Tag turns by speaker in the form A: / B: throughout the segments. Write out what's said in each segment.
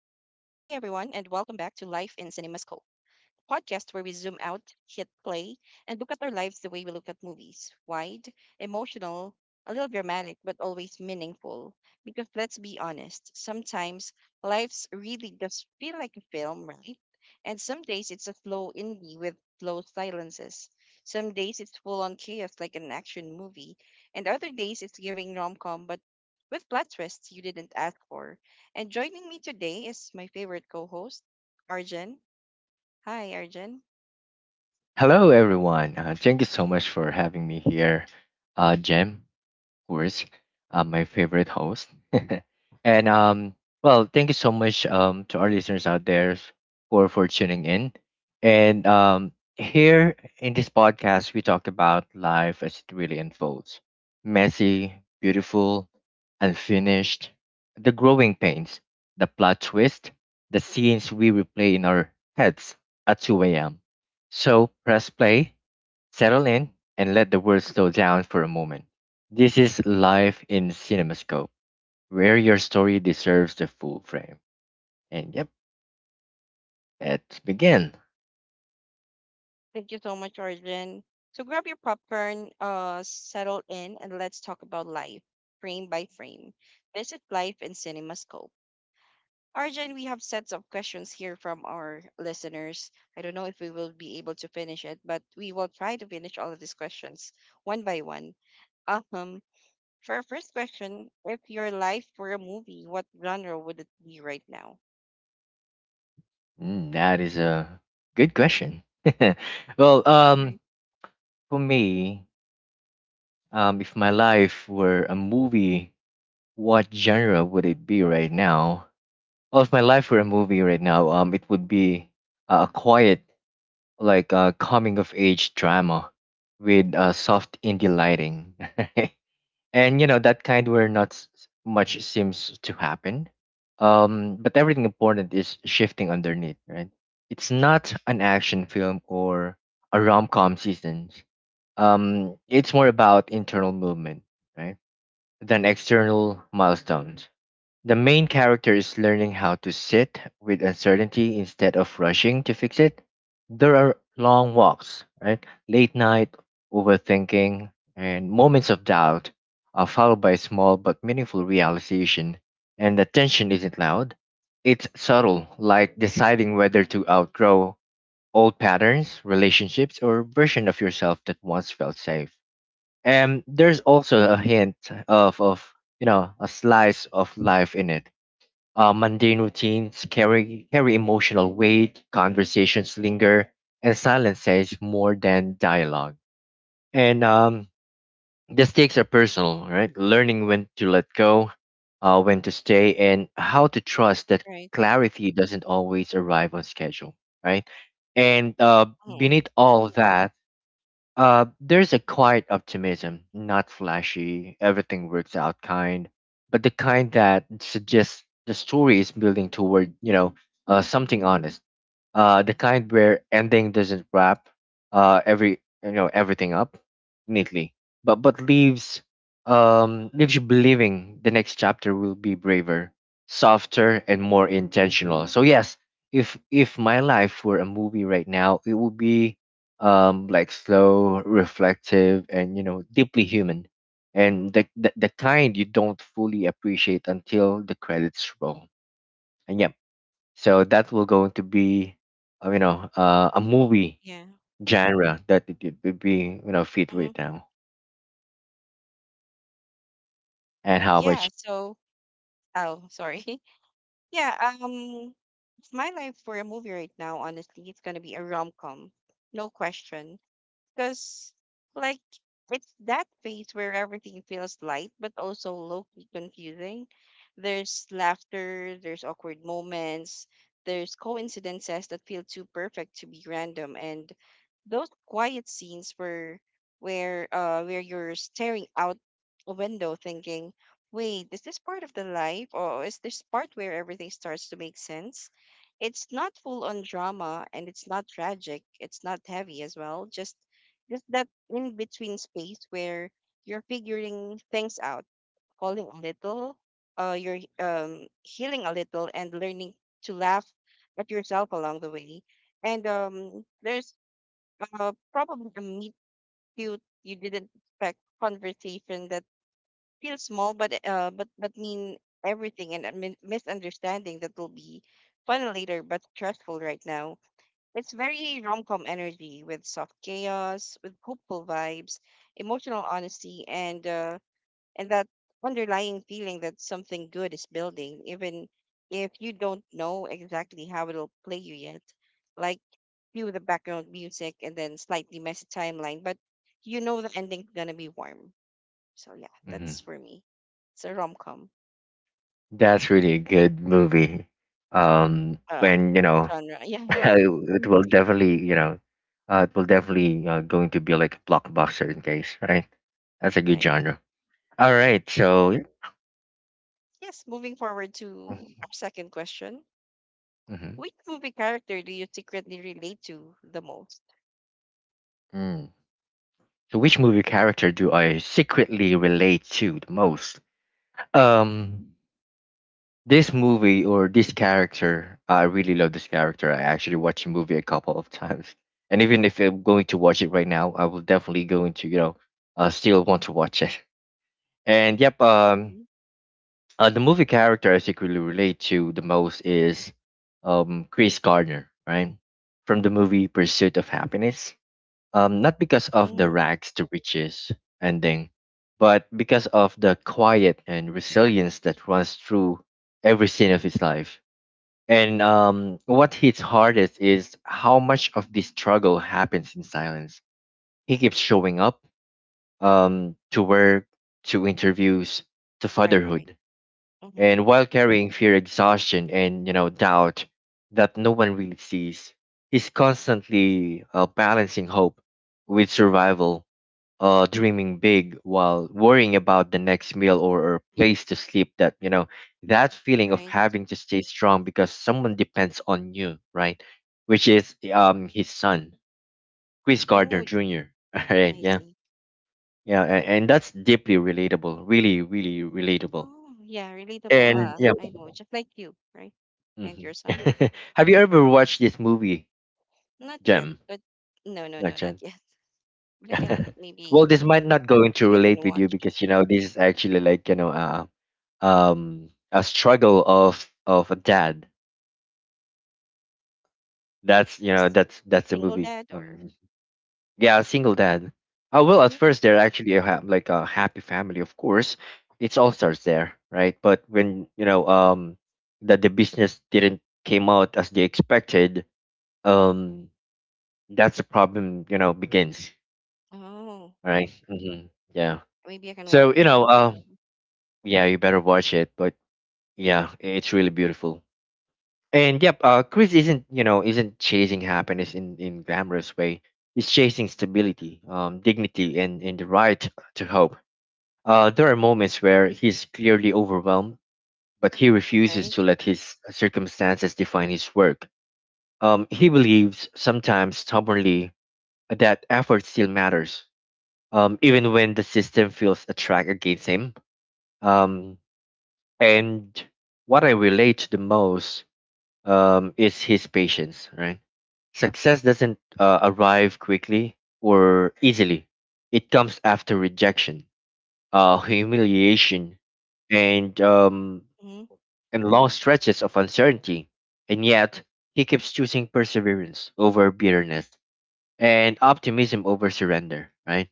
A: to Life in CinemaScope podcast, where we zoom out, hit play, and look at our lives the way we look at movies: wide, emotional, a little dramatic, but always meaningful. Because let's be honest, sometimes life's really does feel like a film, right? And some days it's a slow indie with slow silences. Some days it's full on chaos like an action movie. And other days it's giving rom com, but with plot twists you didn't ask for. And joining me today is my favorite co host. Arjun. Hi, Arjun.
B: Hello, everyone. Thank you so much for having me here. Jem, of course, my favorite host. And, well, thank you so much to our listeners out there for tuning in. And here in this podcast, we talk about life as it really unfolds: messy, beautiful, unfinished, the growing pains, the plot twist, the scenes we replay in our heads at 2 a.m. So press play, settle in, and let the world slow down for a moment. This is Life in CinemaScope, where your story deserves the full frame. And yep, let's begin.
A: Thank you so much, Arjun. So grab your popcorn, settle in, and let's talk about life, frame by frame. This is life in CinemaScope. Arjun, we have sets of questions here from our listeners. I don't know if we will be able to finish it, but we will try to finish all of these questions one by one. Um, for our first question, if your life were a movie, what genre would it be right now?
B: Mm, that is a good question. Well,
A: Right,
B: for me, if my life were a movie, what genre would it be right now? Well, if my life were a movie right now, it would be a quiet, like a coming of age drama with soft indie lighting. And you know that kind where not much seems to happen. But everything important is shifting underneath, right? It's not an action film or a rom-com season. It's more about internal movement, right? Than external milestones. The main character is learning how to sit with uncertainty instead of rushing to fix it. There are long walks, right? Late night, overthinking, and moments of doubt are followed by small but meaningful realization. And the tension isn't loud, it's subtle, like deciding whether to outgrow old patterns, relationships, or version of yourself that once felt safe. And there's also a hint of you know, a slice of life in it. Mundane routines carry emotional weight, conversations linger, and silence says more than dialogue. And the stakes are personal, right? Learning when to let go, when to stay, and how to trust that
A: right.
B: clarity doesn't always arrive on schedule, right? And
A: Mm-hmm.
B: beneath
A: Right.
B: all that, there's a quiet optimism, not flashy, everything works out kind, but the kind that suggests the story is building toward, you know, something honest, the kind where ending doesn't wrap, every you know everything up neatly, but but leaves you believing the next chapter will be braver, softer, and more intentional. So yes, if my life were a movie right now, it would be like slow, reflective, and you know deeply human, and the kind you don't fully appreciate until the credits roll. And yeah, so that will going to be, a movie
A: Yeah.
B: genre that it would be, you know, fit
A: hmm
B: right now. And how about you?
A: Yeah. So, oh, sorry. Yeah, if my life for a movie right now, honestly, it's gonna be a rom-com. No question, because like, it's that phase where everything feels light but also low key confusing. There's laughter, there's awkward moments, there's coincidences that feel too perfect to be random, and those quiet scenes where you're staring out a window thinking, wait, is this part of the life or is this part where everything starts to make sense? It's not full on drama and it's not tragic. It's not heavy as well. Just that in between space where you're figuring things out, falling a little, you're healing a little, and learning to laugh at yourself along the way. And there's probably a meet cute you didn't expect, conversation that feels small, but but mean everything, and a misunderstanding that will be fun later but stressful right now. It's very rom-com energy, with soft chaos, with hopeful vibes, emotional honesty, and that underlying feeling that something good is building, even if you don't know exactly how it'll play you yet. Like, cue the background music and then slightly messy timeline, but you know the ending's gonna be warm. So yeah,
B: Hmm.
A: that's for me. It's a rom-com
B: That's really a good movie. Um,
A: um,
B: and you know,
A: genre. Yeah,
B: it will definitely, you know, it will definitely going to be like a blockbuster in case, right? That's a good
A: right.
B: genre. All
A: Yeah.
B: right, so yeah.
A: Yes. Moving forward to our second question.
B: Mhm.
A: Which movie character do you secretly relate to the most?
B: Mm. So which movie character do I secretly relate to the most? Um, This movie or this character, I really love this character. I actually watched the movie a couple of times, and even if I'm going to watch it right now, I will definitely going to you know, still want to watch it. And yep, um,
A: Hmm.
B: uh, the movie character I think really relate to the most is, Chris Gardner, right, from the movie Pursuit of Happiness. Not because of the
A: Mm,
B: rags to riches ending, but because of the quiet and resilience that runs through every scene of his life, and what hits hardest is how much of this struggle happens in silence. He keeps showing up, to work, to interviews, to
A: right, right.
B: fatherhood,
A: Mm-hmm,
B: and while carrying fear, exhaustion, and you know doubt that no one really sees. He's constantly balancing hope with survival, dreaming big while worrying about the next meal, or place to sleep, that you know, that feeling of
A: right.
B: having to stay strong because someone depends on you, right, which is his son, Chris Gardner
A: Oh,
B: Jr. All right.
A: I
B: Yeah.
A: see.
B: Yeah, and that's deeply relatable, really, really relatable.
A: Oh, yeah, relatable.
B: And yeah.
A: I know, just like you, right? And
B: Mhm.
A: your son?
B: Have you ever watched this movie,
A: Not yet,
B: Jem?
A: but no, no,
B: Not
A: no, not
B: Jen?
A: yet. But I can maybe,
B: Well, this might not going to
A: maybe I can
B: relate with you
A: watch.
B: because you know this is actually like you
A: Mm-hmm.
B: know a struggle of a dad.
A: A,
B: That's, you
A: a
B: know,
A: s-
B: that's the
A: Single
B: movie.
A: dad or
B: Yeah, a single dad. Oh, well, at
A: mm,
B: first they're actually a like a happy family, of course. It all starts there, right? But when you know that the business didn't came out as they expected, um that's a problem, you know, begins,
A: oh,
B: right?
A: okay.
B: Hmm. Yeah.
A: Maybe I can watch
B: so you
A: that.
B: know uh
A: Mhm.
B: yeah, you better watch it, but yeah, it's really beautiful. And yep, Chris isn't you know isn't chasing happiness in glamorous way. He's chasing stability, dignity, and the right to hope. There are moments where he's clearly overwhelmed, but he refuses
A: Right?
B: to let his circumstances define his work. He believes, sometimes stubbornly, that effort still matters, even when the system feels a track against him. Um, and what I relate to the most, is his patience, right? Success doesn't arrive quickly or easily. It comes after rejection, humiliation, and um,
A: Mm-hmm,
B: and long stretches of uncertainty. And yet, he keeps choosing perseverance over bitterness and optimism over surrender, right?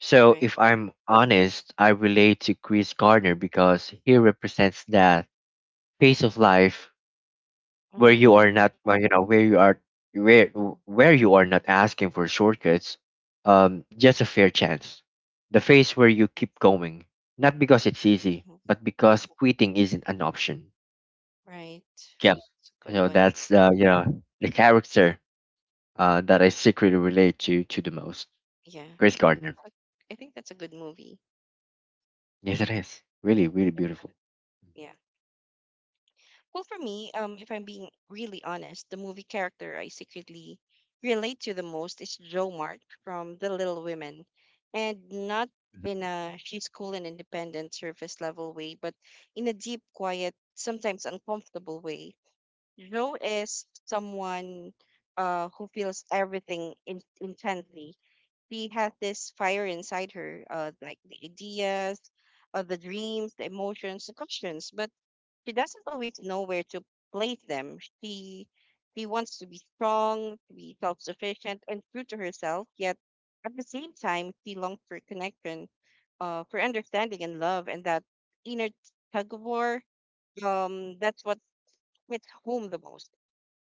B: So,
A: right.
B: if I'm honest, I relate to Chris Gardner because he represents that phase of life where
A: Mm-hmm,
B: you
A: mm-hmm,
B: are not, where you are, where where you are not asking for shortcuts, just a fair chance, the phase where you keep going, not because it's easy
A: mm-hmm.
B: but because quitting isn't an option.
A: Right.
B: Yeah.
A: It's a good
B: So
A: one.
B: that's, you know, the character that I secretly relate to the most.
A: Yeah.
B: Grace gardner.
A: So I think that's a good movie.
B: Yes, it is really,
A: Yep.
B: really beautiful.
A: Yeah. Well, for me, if I'm being really honest, the movie character I secretly relate to the most is Jo Mart from The Little Women, and not in a she's cool and independent surface level way, but in a deep, quiet, sometimes uncomfortable way. Jo is someone who feels everything intensely. She has this fire inside her, like the ideas, the dreams, the emotions, the questions, but she doesn't always know where to place them. She wants to be strong, to be self-sufficient, and true to herself. Yet at the same time, she longs for connection, for understanding and love, and that inner tug of war. That's what hits home the most,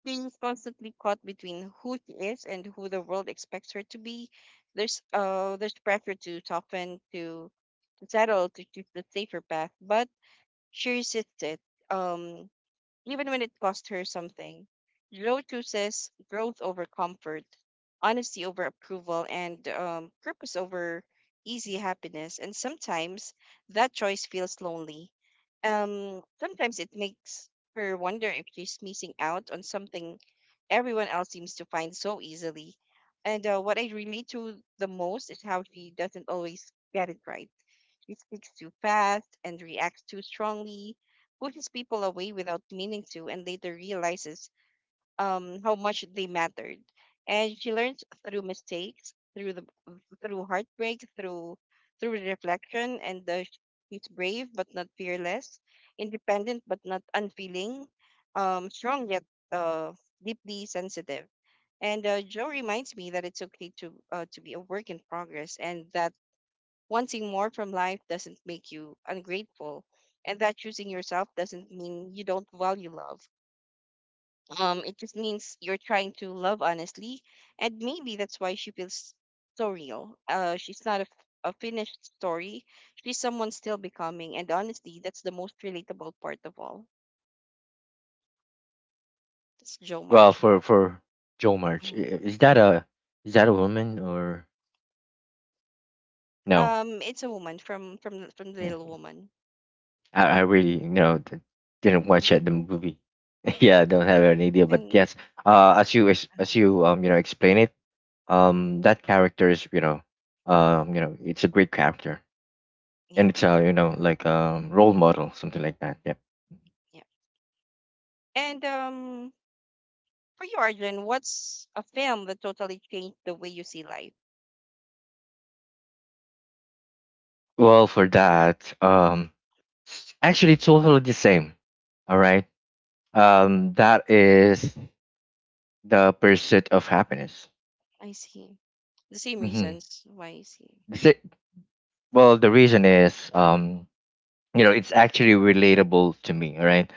A: being constantly caught between who she is and who the world expects her to be. There's pressure to soften, to settle, to choose the safer path, but she resists it. Um, Even when it cost her something. Joe chooses growth over comfort, honesty over approval, and purpose over easy happiness. And sometimes that choice feels lonely. Sometimes it makes her wonder if she's missing out on something everyone else seems to find so easily. And what I relate to the most is how she doesn't always get it right. She speaks too fast and reacts too strongly, pushes people away without meaning to, and later realizes how much they mattered. And she learns through mistakes, through the through heartbreak, through reflection, and she's brave but not fearless, independent but not unfeeling, strong yet uh, deeply sensitive, and Joe reminds me that it's okay to be a work in progress, and that wanting more from life doesn't make you ungrateful, and that choosing yourself doesn't mean you don't value love. It just means you're trying to love honestly, and maybe that's why she feels so real. She's not a, a finished story; she's someone still becoming, and honestly, that's the most relatable part of all. That's Joe
B: well
A: March.
B: for for Joe March,
A: Mhm.
B: is that a, woman, or no?
A: It's a woman from the
B: Yeah.
A: little woman.
B: I really, you know, didn't watch yet the movie. Yeah, I don't have an idea, but
A: Hmm.
B: yes, as you ex- as
A: Uh-huh.
B: you you know explain it,
A: Mhm.
B: that character is, you know, you know it's a great character, and
A: Yeah,
B: it's a, you know, like role model, something like that. Yeah.
A: yeah. And for you, Arjun, what's a film that totally changed the way you see life? Yep,
B: Well, for that, actually it's totally the same. All right. That is the Pursuit of Happiness.
A: I see. The same
B: Mm-hmm.
A: reasons why you see.
B: Well, the reason is you know it's actually relatable to me, right?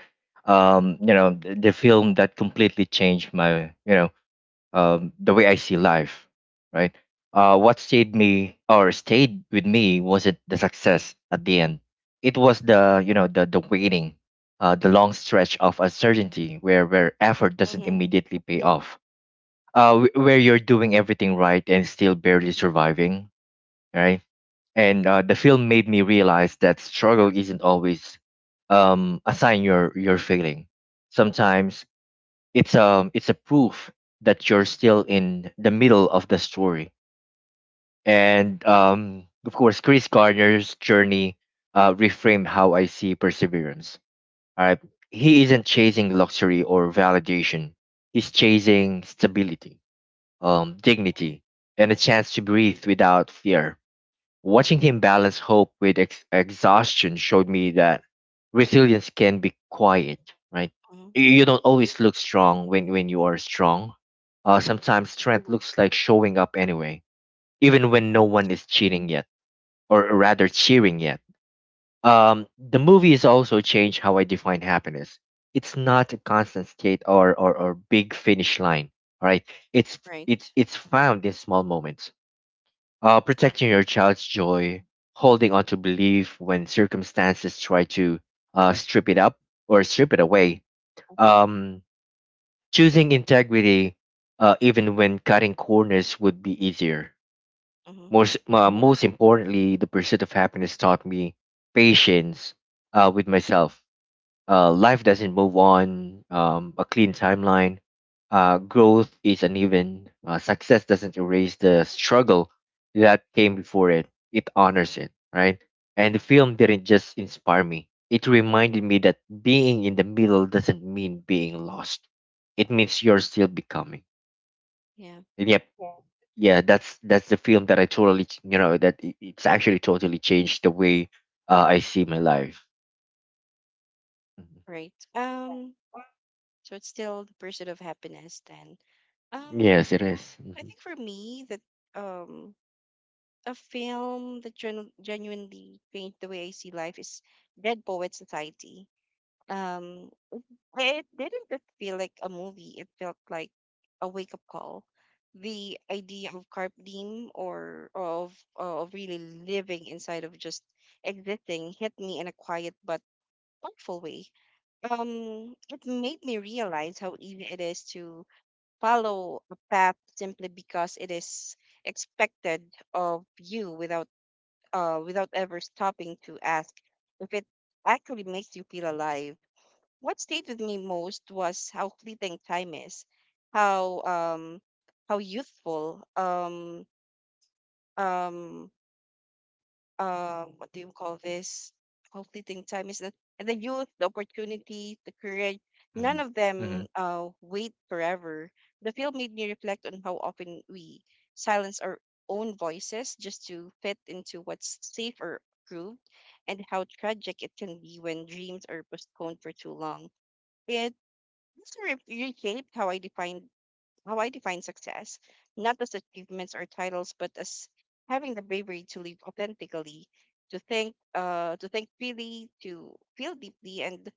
B: You know the film that completely changed my, you know, the way I see life, right? What stayed me or stayed with me wasn't the success at the end. It was the, you know, the waiting, the long stretch of uncertainty where effort doesn't
A: Mm-hmm.
B: immediately pay off, where you're doing everything right and still barely surviving, right? And the film made me realize that struggle isn't always, a sign you're failing. Sometimes it's a proof that you're still in the middle of the story. And
A: Right.
B: of course, Chris Gardner's journey reframed how I see perseverance. All right, he isn't chasing luxury or validation. He's chasing stability, dignity, and a chance to breathe without fear. Watching him balance hope with exhaustion showed me that resilience can be quiet, right?
A: Mm-hmm.
B: You don't always look strong when, you are strong.
A: Mm-hmm.
B: Sometimes strength looks like showing up anyway, even when no
A: Right.
B: one is cheating yet, or rather
A: Yep.
B: cheering yet. The movie has also changed how I define happiness. It's not a constant state, or big finish line, all right? It's, it's
A: Right.
B: it's found in small moments, protecting your child's joy, holding on to belief when circumstances try to strip it up, or strip it
A: Mm-hmm.
B: away, um, choosing integrity, even when cutting corners would be easier.
A: Mm-hmm.
B: Most, most importantly, the Pursuit of Happiness taught me patience, with myself. Life doesn't move on, a clean timeline. Growth is uneven. Success doesn't erase the struggle that came before it. It honors it, right? And the film didn't just inspire me. It reminded me that being in the middle doesn't mean being lost. It means you're still becoming.
A: Yeah.
B: And yep, yeah, that's the film that I totally, you know, that it's actually totally changed the way I see my life. Mhm.
A: Right. So it's still the pursuit of happiness then. Um.
B: Yes, it is.
A: I
B: Mhm.
A: think for me that um a film that genuinely changed the way I see life is Dead Poet Society. Um. It didn't just feel like a movie. It felt like a wake up call. The idea of carp diem, or of really living inside of just existing, hit me in a quiet but thoughtful way. It made me realize how easy it is to follow a path simply because it is expected of you, without without ever stopping to ask if it actually makes you feel alive. What stayed with me most was how fleeting time is, how um how youthful um what do you call this? How fleeting time is, and the youth, the opportunity, the courage. None of
B: Mhm.
A: them wait forever. The film made me reflect on how often we silence our own voices just to fit into what's safe or approved, and how tragic it can be when dreams are postponed for too long. It this re- reshaped how I defined, how I define success, not as achievements or titles, but as having the bravery to live authentically, to think freely, to feel deeply, and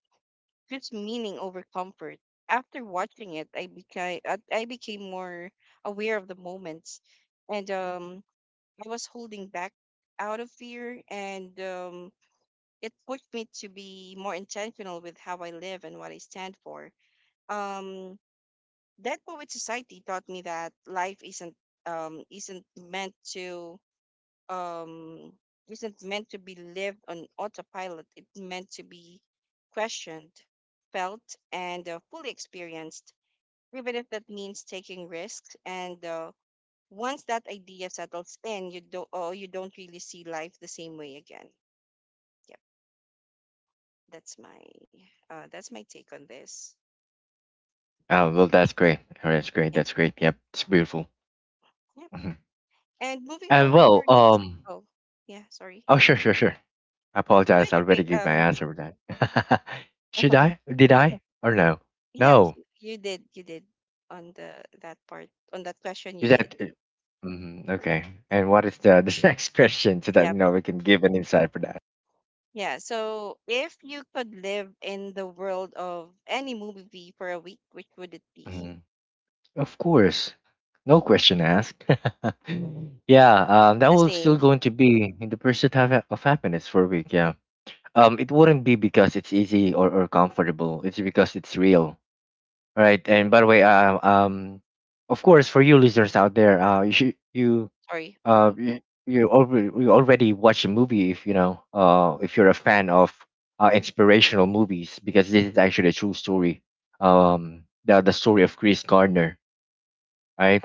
A: choose meaning over comfort. After watching it, I became more aware of the moments, and I was holding back out of fear, and it pushed me to be more intentional with how I live and what I stand for. Um, that Poet Society taught me that life um isn't meant to um isn't meant to be lived on autopilot. It's meant to be questioned, felt, and fully experienced, even if that means taking risks. And once that idea settles in, you don't really see life the same way again. Yep, that's my that's my take on this.
B: Oh, well, that's great. Oh, that's great.
A: Yeah,
B: That's great. Yep, it's beautiful.
A: yep.
B: Mhm.
A: And moving
B: And
A: forward to
B: well,
A: our next.
B: um,
A: Oh, yeah. Sorry.
B: oh, sure,
A: Mm-hmm.
B: sure, sure. I
A: No,
B: apologize. I
A: it's
B: already
A: okay.
B: gave my answer for that. Should I? Did I? Or no?
A: Yeah,
B: No.
A: you did on the that part on that question. You
B: Is
A: did.
B: that? Mm-hmm. Okay. And what is the the next question so that
A: Yeah,
B: you know we can give an insight for that?
A: yeah. So if you could live in the world of any movie for a week, which would it be?
B: Mhm. Of course. No question asked. yeah, that
A: The
B: will still
A: same.
B: going to be in the pursuit of happiness for a week. Yeah. It wouldn't be because it's easy or comfortable. It's because it's real, right? And by the way, of course, for you listeners out there,
A: Sorry.
B: uh
A: Mhm.
B: you, you already watch a movie if you know if you're a fan of inspirational movies, because this is actually a true story. The story of Chris Gardner, right?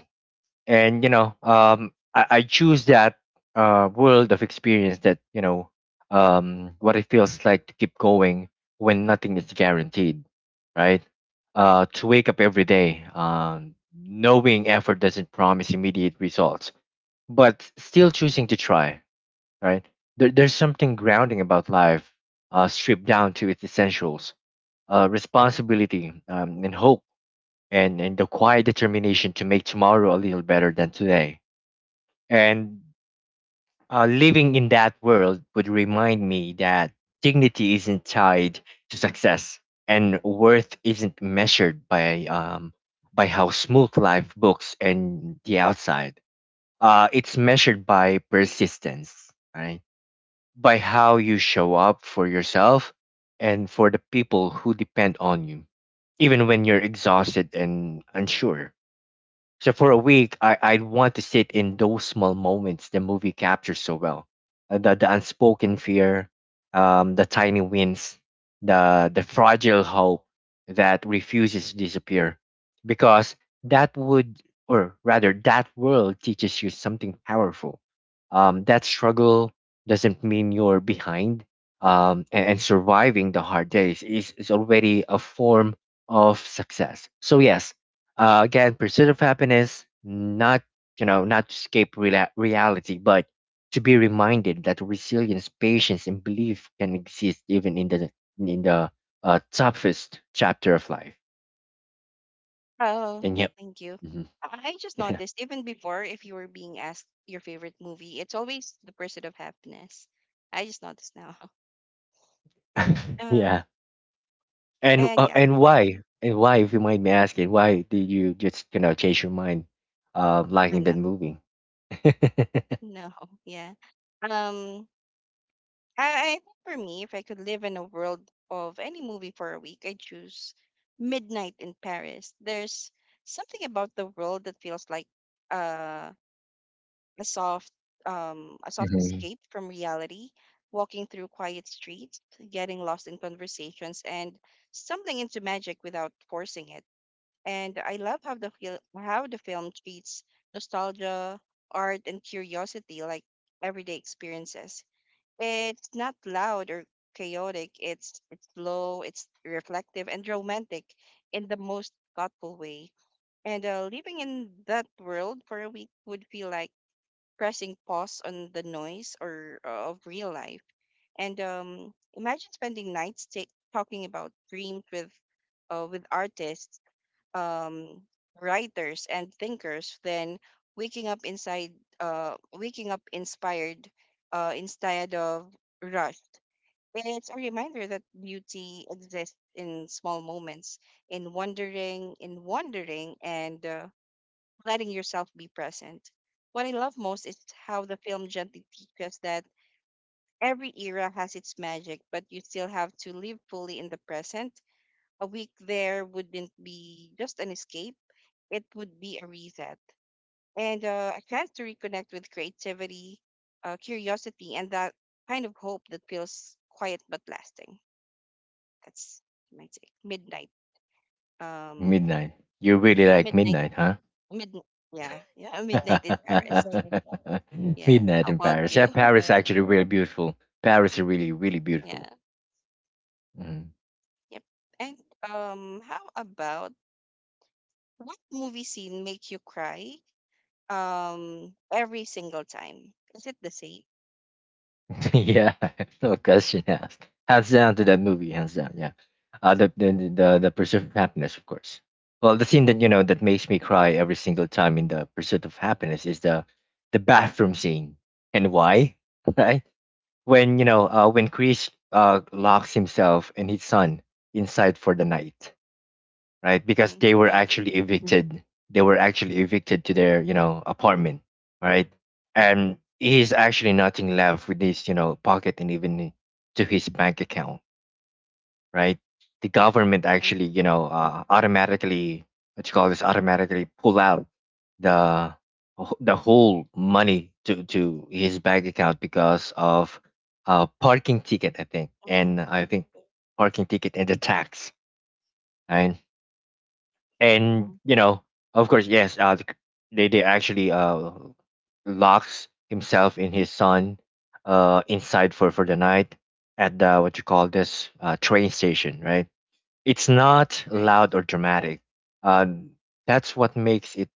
B: And you know, I choose that world of experience that, you know, what it feels like to keep going when nothing is guaranteed, right? To wake up every day, knowing effort doesn't promise immediate results, but still choosing to try, right? There's something grounding about life stripped down to its essentials. Responsibility, and hope, and the quiet determination to make tomorrow a little better than today. And living in that world would remind me that dignity isn't tied to success, and worth isn't measured by how smooth life looks and the outside. It's measured by persistence, right? By how you show up for yourself and for the people who depend on you, even when you're exhausted and unsure. So for a week, I'd want to sit in those small moments the movie captures so well. The unspoken fear, the tiny wins, the fragile hope that refuses to disappear. Because that would, or rather, that world teaches you something powerful. That struggle doesn't mean you're behind. And surviving the hard days is already a form of success. So yes, again, pursuit of happiness, not, you know, not to escape rela reality, but to be reminded that resilience, patience, and belief can exist even in the toughest chapter of life.
A: Oh,
B: And yep.
A: thank you.
B: Mhm.
A: I just noticed, even before, if you were being asked your favorite movie, it's always The Pursuit of Happiness. I just noticed now.
B: yeah,
A: Um, and yeah,
B: and why, if you mind me asking, why did you just, you know, change your mind,
A: I
B: liking
A: know.
B: that movie?
A: No, yeah. Um, I think for me, if I could live in a world of any movie for a week, I'd choose Midnight in Paris. There's something about the world that feels like uh, a soft, a soft
B: Mhm.
A: escape from reality. Walking through quiet streets, getting lost in conversations, and stumbling into magic without forcing it. And I love how the film treats nostalgia, art, and curiosity like everyday experiences. It's not loud or chaotic. It's slow, it's reflective and romantic in the most thoughtful way. And living in that world for a week would feel like pressing pause on the noise, or of real life. And imagine spending nights talking about dreams with artists, um, writers and thinkers, than waking up inside waking up inspired instead of rushed. It's a reminder that beauty exists in small moments, in wondering, and letting yourself be present. What I love most is how the film gently teaches that every era has its magic, but you still have to live fully in the present. A week there wouldn't be just an escape, it would be a reset and a chance to reconnect with creativity, curiosity, and that kind of hope that feels quiet but lasting. That's my take. Midnight. Um,
B: Midnight. You really like
A: midnight.
B: Midnight, huh?
A: Mid. Yeah. Yeah. Midnight in Paris. Yeah. How
B: Midnight in
A: about
B: Paris. Yeah,
A: you?
B: Paris. Right. Actually really beautiful. Paris is really, really
A: Yeah.
B: beautiful. Hmm.
A: Yep. And how about what movie scene make you cry? Every single time. Is it the same?
B: yeah, no question asked. Hands down to that movie, hands down. Yeah, the pursuit of happiness, of course. Well, the scene that, you know, that makes me cry every single time in the pursuit of happiness is the bathroom scene. And why? Right, when you know, when Chris, locks himself and his son inside for the night, right? Because
A: Hmm.
B: they were
A: Right.
B: actually evicted. They were actually evicted to their, you know, apartment, right? And he's actually nothing left with his, you know, pocket and even to his bank account, right? The government
A: Right.
B: actually, you know, automatically, what you call this, automatically pull out the whole money to his bank account because of a parking ticket, I think,
A: Mm-hmm.
B: and I think parking ticket and the tax, right? And
A: Mm-hmm.
B: you know, of course yes, the c- they actually locks himself and his son inside for the night at the, what you call this, train station, right? It's not
A: Right.
B: loud or dramatic, uh, that's what makes it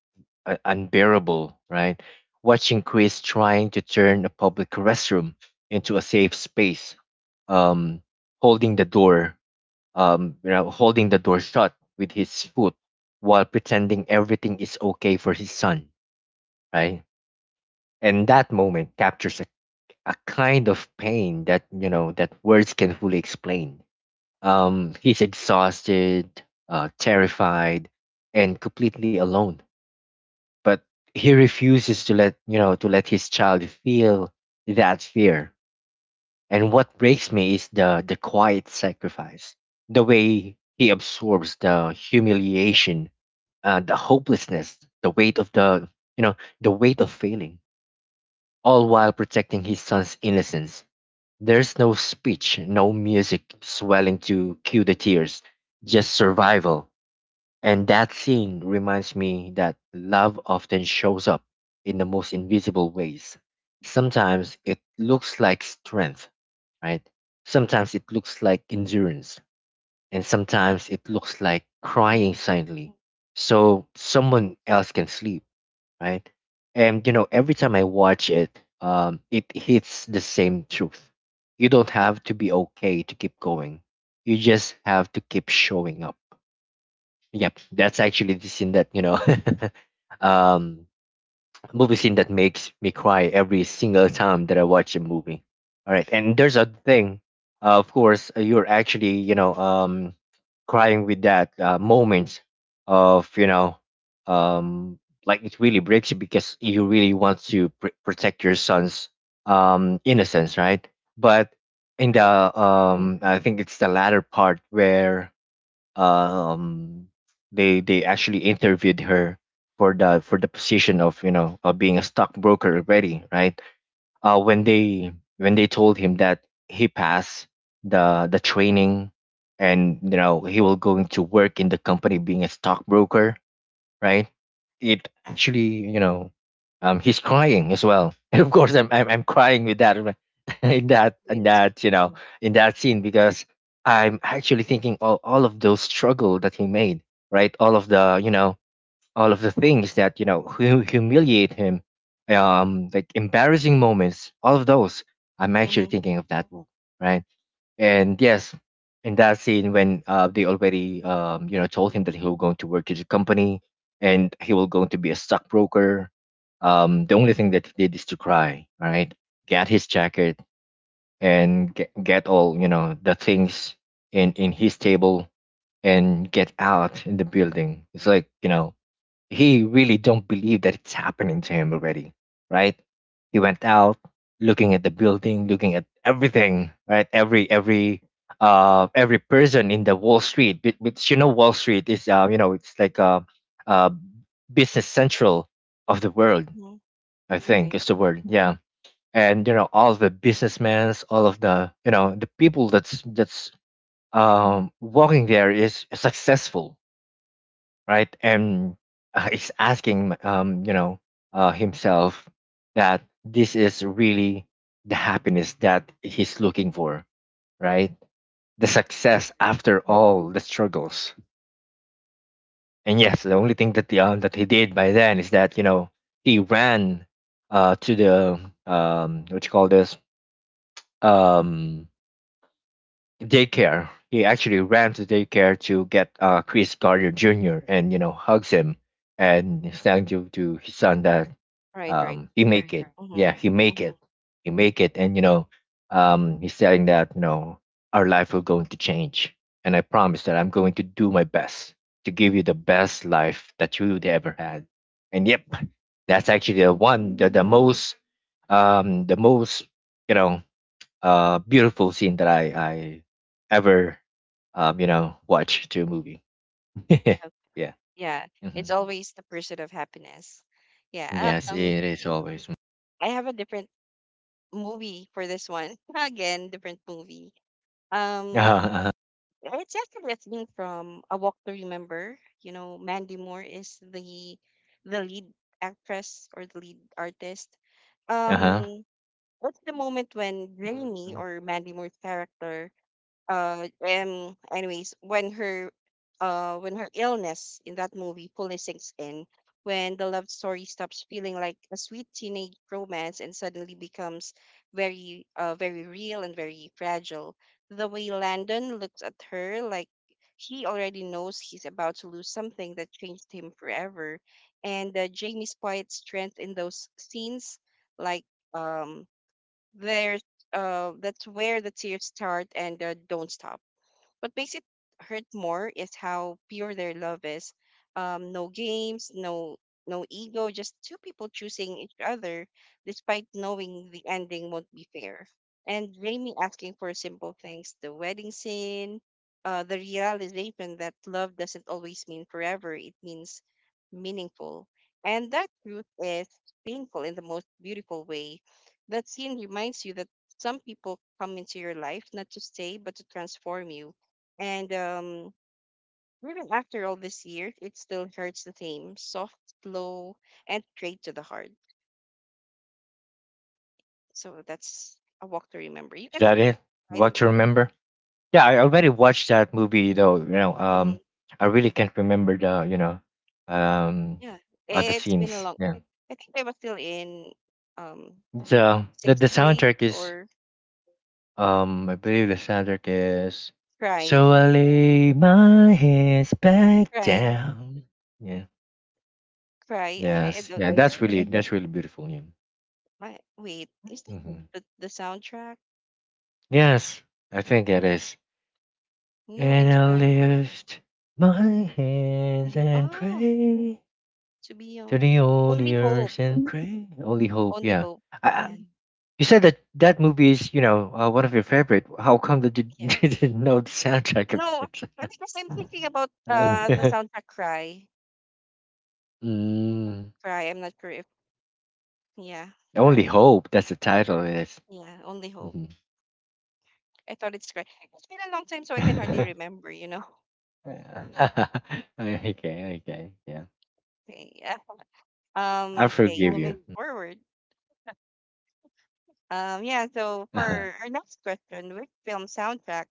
B: unbearable, right? Watching Chris trying to turn a public restroom into a safe space, um holding the door, you know, holding the door shut with his foot while pretending everything is okay for his son, right? And that moment captures a kind of pain that, you know, that words can fully explain. He's exhausted, terrified, and completely alone. But he refuses to let, you know, to let his child feel that fear. And what breaks me is the quiet sacrifice, the way he absorbs the humiliation, the hopelessness, the weight of the, you know, the weight of failing, all while protecting his son's innocence. There's no speech, no music swelling to cue the tears, just survival. And that scene reminds me that love often shows up in the most invisible ways. Sometimes it looks like strength, right? Sometimes it looks like endurance, and sometimes it looks like crying
A: Mm-hmm.
B: silently so someone else can sleep, right? And you know, every time I watch it, it hits the same truth. You don't have to be okay to keep going. You just have to keep showing up. Yep, that's actually the scene that, you know, um, a movie scene that makes me cry every single time that I watch a movie. All right, and there's a thing, of course, you're actually, you know, crying with that moment of, you know, um, like it really breaks you because you really want to protect your son's innocence, right? But in the,
A: Right.
B: I think it's the latter part where um they actually interviewed her for the position of, you know, of being a stockbroker already, right? When they, when they told him that he passed the training, and you know he will going to work in the company being a stockbroker, right? It actually, you know, he's crying as well, and of course, I'm crying with that in
A: Right.
B: that, you know, in that scene, because I'm actually thinking all of those struggle that he made, right? All of the, you know, all of the
A: Mm-hmm.
B: things that, you know, humiliate him, like embarrassing moments, all of those. I'm actually
A: Mm-hmm.
B: thinking of that book, right? And yes, in that scene when, they already, you know, told him that he will going to work to the company and he will going to be a stockbroker. The only thing that he did is to cry. All right, get his jacket and get all, you know, the things in his table and get out in the building. It's like, you know, he really don't believe that it's happening to him already, right? He went out looking at the building, looking at everything, right? Every every person in the Wall Street, which, you know, Wall Street is, you know, it's like uh business central of the world,
A: Hmm.
B: I think
A: Right.
B: is the word, yeah. And you know all the businessmen, all of the, you know, the people that's walking there is successful, right? And is asking, you know, himself that this is really the happiness that he's looking for, right? The
A: Right.
B: success after all the struggles. And yes, the only thing that that he did by then is that, you know, he ran to the, what you call this, um, daycare. He actually ran to daycare to get, Chris Gardner Jr. and, you know, hugs him, and he's telling to his son that,
A: Right. Right.
B: you make it, correct? Yeah, you
A: Mm-hmm.
B: make
A: Mm-hmm.
B: it. You make it. And, you know, he's saying that, you know, our life will going to change. And I promise that I'm going to do my best to give you the best life that you would ever had. And yep, that's actually the one, the most, you know, beautiful scene that I, ever, you know, watch to a movie. yeah.
A: Yeah.
B: Hmm.
A: It's always the pursuit of happiness. Yeah.
B: Yes, it is always.
A: I have a different movie for this one. Again, different movie. Um.
B: Uh
A: It's actually a theme from A Walk to Remember. You know, Mandy Moore is the lead actress or the lead artist.
B: huh. Uh
A: Um. What's the moment when Jamie
B: huh.
A: or Mandy Moore's character anyways, when her illness in that movie fully sinks in, when the love story stops feeling like a sweet teenage romance and suddenly becomes very very real and very fragile, the way Landon looks at her like he already knows he's about to lose something that changed him forever, and Jamie's quiet strength in those scenes, like um there's that's where the tears start and don't stop. What makes it hurt more is how pure their love is. No games, no ego, just two people choosing each other despite knowing the ending won't be fair. And Jamie asking for simple things, the wedding scene, the realization that love doesn't always mean forever, it means meaningful. And that truth is painful in the most beautiful way. That scene reminds you that some people come into your life not to stay, but to transform you, and even after all these years, it still hurts the same: soft, slow, and straight to the heart. So that's A Walk to Remember. You
B: Is
A: can,
B: that it?
A: I,
B: What you remember? Yeah, I already watched that movie though. You know,
A: mhm,
B: I really can't remember the, you know, um,
A: yeah,
B: other
A: it's been a
B: scenes.
A: long.
B: Yeah.
A: I think I was still in um, not sure,
B: So the
A: sixth grade
B: soundtrack is,
A: or
B: I believe the soundtrack is.
A: cry,
B: So I lay my hands back
A: cry,
B: down. Yeah.
A: cry. I
B: Yes.
A: don't.
B: Yeah. That's really, that's really beautiful. Yeah.
A: I, wait, is that
B: Hmm.
A: the soundtrack?
B: Yes, I think it is.
A: No,
B: And
A: it's
B: I
A: cry.
B: lift my hands
A: Eh,
B: and
A: oh,
B: pray.
A: to be
B: To
A: o-
B: the
A: only
B: only
A: hope,
B: earth and pray, only hope.
A: only
B: Yeah,
A: hope.
B: I,
A: Yeah,
B: I, you said that that movie is, you know, one of your favorite. How come that you
A: yeah.
B: didn't know the soundtrack of
A: No,
B: it?
A: because I'm thinking about
B: Uh,
A: the soundtrack Cry.
B: mm,
A: Cry. I'm not sure if yeah,
B: only
A: Cry.
B: hope. That's the title. It is.
A: Yeah, Only Hope.
B: Mhm.
A: I thought it's Cry. It's been a long time, so I can hardly remember. You know.
B: okay, okay, yeah.
A: Okay. Yeah.
B: I
A: Okay.
B: forgive
A: Moving
B: you.
A: forward. Yeah. So
B: Uh-huh.
A: for our next question, which film soundtrack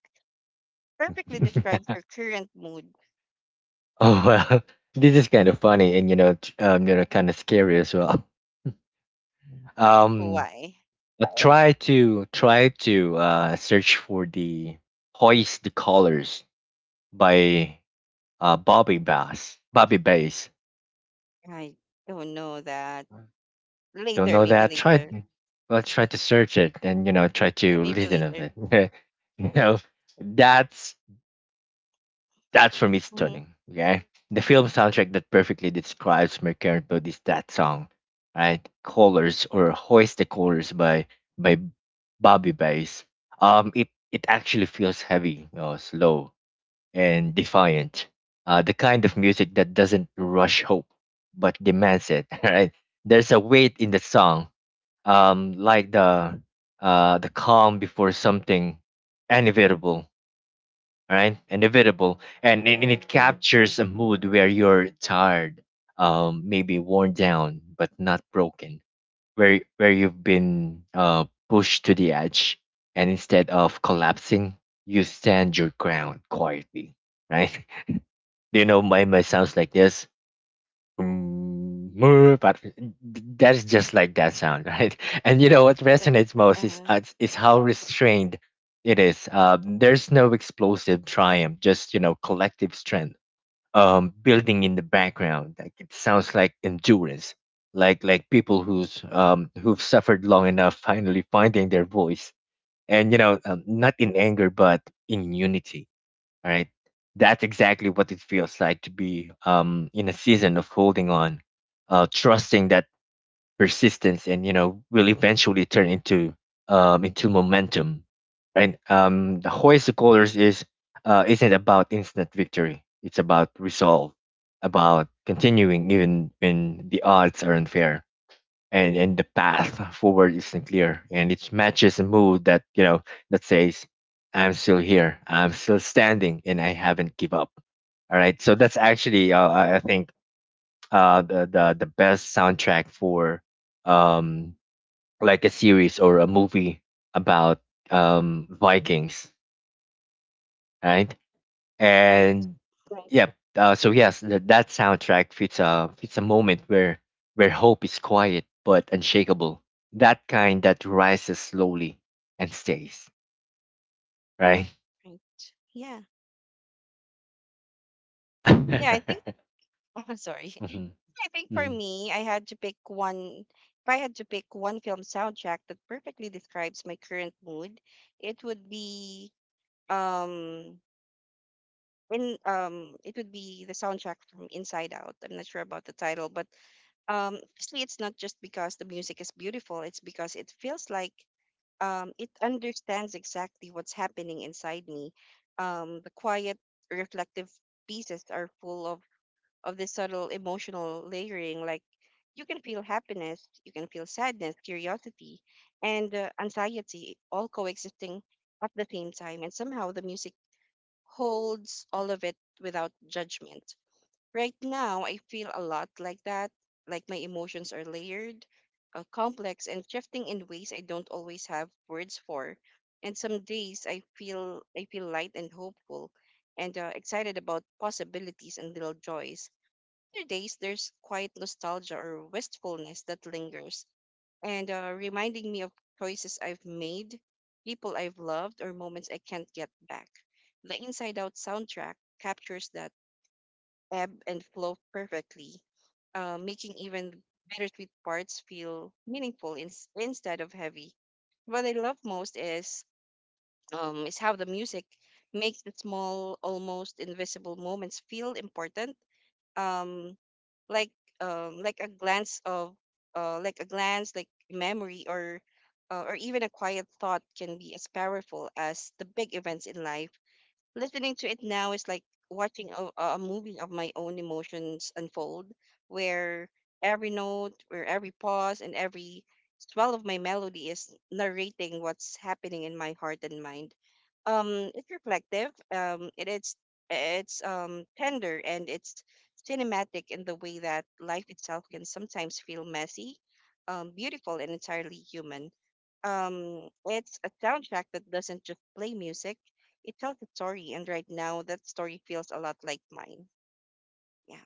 A: perfectly describes your current mood?
B: oh well, this is kind of funny and, you know, you know, kind of scary as well. Um,
A: Why?
B: But try to, search for the Hoist the Colors by, Bobby Bass. Bobby Bass.
A: I don't know that.
B: Don't
A: Later,
B: know
A: maybe
B: that? Try,
A: later.
B: well try to search it and, you know, try
A: Yeah,
B: to
A: maybe
B: listen of
A: later.
B: it. you know that's for me
A: Mm-hmm.
B: stunning. Okay. The film soundtrack that perfectly describes my current is that song, right? Colors or Hoist the Colors by by Bobby Bass. It it actually feels heavy, you know, slow and defiant. The kind of music that doesn't rush hope but demands it. Right? There's a weight in the song, like the, the calm before something inevitable. Right? Inevitable, and it captures a mood where you're tired, maybe worn down but not broken, where you've been pushed to the edge, and instead of collapsing, you stand your ground quietly right? You know my sounds like this. Mm, mer," but that's just like that sound, right? And you know what
A: Like,
B: resonates most
A: uh,
B: is how restrained it is. There's no explosive triumph, just you know collective strength building in the background. Like it sounds like endurance, like people who's who've suffered long enough finally finding their voice, and you know not in anger but in unity. All right. That's exactly what it feels like to be in a season of holding on, trusting that persistence and you know will eventually turn into momentum. Right. The hoist of colors is isn't about instant victory. It's about resolve, about continuing even when the odds are unfair and the path forward isn't clear, and it matches a mood that you know that says I'm still here, I'm still standing, and I haven't give up. All right, so that's actually I think the best soundtrack for um like a series or a movie about Vikings, right?
A: right,
B: And yeah, so yes, that soundtrack fits a fits a moment where hope is quiet but unshakable, that kind that rises slowly and stays, right?
A: right. Yeah. Yeah, I think
B: Mhm,
A: oh, sorry. I think for
B: mhm.
A: me, I had to pick one. If I had to pick one film soundtrack that perfectly describes my current mood, it would be um in it would be the soundtrack from Inside Out. I'm not sure about the title, but actually it's not just because the music is beautiful, it's because it feels like it understands exactly what's happening inside me. The quiet, reflective pieces are full of this subtle emotional layering. Like you can feel happiness, you can feel sadness, curiosity, and anxiety all coexisting at the same time. And somehow the music holds all of it without judgment. Right now, I feel a lot like that. Like my emotions are layered, complex, and shifting in ways I don't always have words for. And some days I feel light and hopeful, and excited about possibilities and little joys. After days, there's quiet nostalgia or wistfulness that lingers, and reminding me of choices I've made, people I've loved, or moments I can't get back. The Inside Out soundtrack captures that ebb and flow perfectly, making even bittersweet parts feel meaningful instead of heavy. What I love most is how the music makes the small, almost invisible moments feel important, um like like a glance of like a glance like memory or even a quiet thought can be as powerful as the big events in life. Listening to it now is like watching a movie of my own emotions unfold, where every note, where every pause and every swell of my melody is narrating what's happening in my heart and mind. It's reflective. It's tender and it's cinematic in the way that life itself can sometimes feel messy, beautiful and entirely human. It's a soundtrack that doesn't just play music, it tells a story, and right now that story feels a lot like mine. Yeah.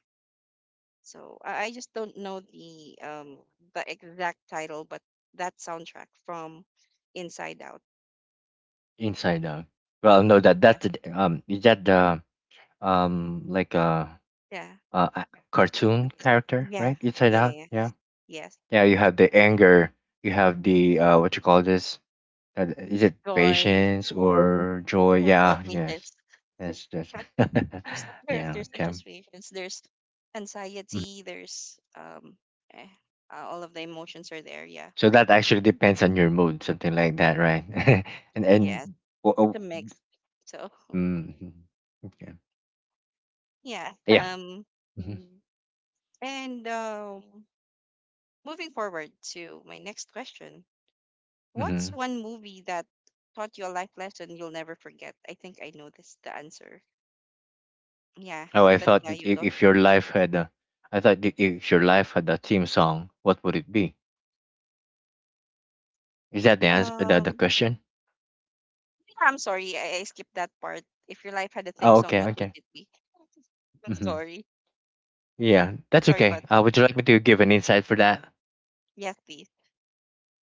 A: So I just don't know the exact title, but that soundtrack from Inside Out.
B: Inside Out. Well, no, that
A: Yeah.
B: that's the is that the like
A: Yeah.
B: a cartoon
A: Okay.
B: character,
A: Yeah.
B: right? Inside
A: Yeah.
B: Out,
A: yeah,
B: yeah.
A: Yes. Yes.
B: Yeah, you have the anger, you have the what you call this. Is it
A: Joy.
B: patience or joy?
A: No, no
B: Yeah, yes,
A: patience.
B: yes, yes.
A: But there's
B: Yeah,
A: there's such
B: okay.
A: as patience. There's
B: Mhm.
A: anxiety. There's eh, all of the emotions are there. Yeah.
B: So that actually
A: Mhm.
B: depends on your mood, something like that, right? And
A: Yes.
B: oh,
A: It's
B: oh,
A: a mix. So
B: mm, okay,
A: yeah.
B: yeah. Mm-hmm.
A: And moving forward to my next question, what's
B: Hmm.
A: one movie that taught you a life lesson you'll never forget? I think I know this the answer. Yeah,
B: Oh, I
A: but
B: thought
A: yeah,
B: that
A: you go.
B: if your life had a, I thought that if your life had a theme song, what would it be? Is that the answer? The
A: Um,
B: question?
A: yeah, I'm sorry, I skipped that part. If your life had a theme
B: Oh,
A: song,
B: okay,
A: what would
B: okay.
A: it be? I'm
B: Mm-hmm.
A: sorry,
B: Yeah, that's
A: sorry,
B: okay.
A: about
B: Would you like me to give an insight for that?
A: yes, please.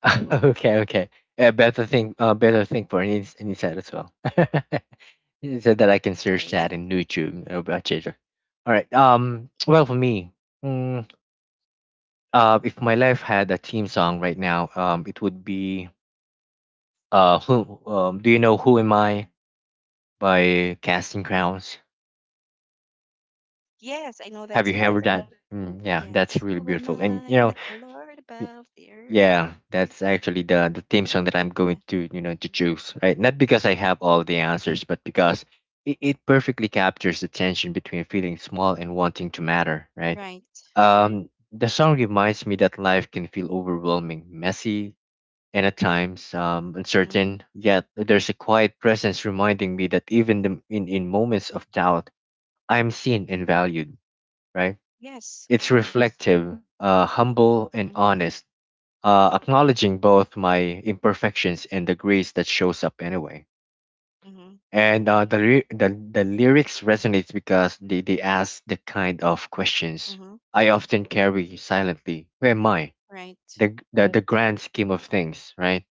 B: Okay, okay. Better thing, better thing for any set as well. So that I can search
A: Sorry, yeah,
B: that in YouTube about Jeju. All right. Well, for me, mm, if my life had a theme song right now, it would be who do you know Who Am I by Casting Crowns?
A: yes, I know
B: Have
A: that
B: you heard
A: song.
B: that? Mm, yeah, that's
A: Yes,
B: really
A: who am
B: beautiful. And you
A: I
B: know,
A: that the Lord above the earth?
B: yeah, that's actually the theme song that I'm going
A: Yeah,
B: to you know to choose, right? Not because I have all the answers, but because it perfectly captures the tension between feeling small and wanting to matter, right?
A: right. Mm-hmm,
B: The song reminds me that life can feel overwhelming, messy, and at times
A: mm-hmm.
B: uncertain. Yet there's a quiet presence reminding me that even the, in moments of doubt, I'm seen and valued, right?
A: Yes, of
B: It's
A: course.
B: reflective, humble, and
A: Mm-hmm,
B: honest acknowledging both my imperfections and the grace that shows up anyway.
A: mm-hmm.
B: And the lyrics resonates because they ask the kind of questions
A: Mm-hmm.
B: I often carry silently. Who am I?
A: Right.
B: The grand scheme of things, right?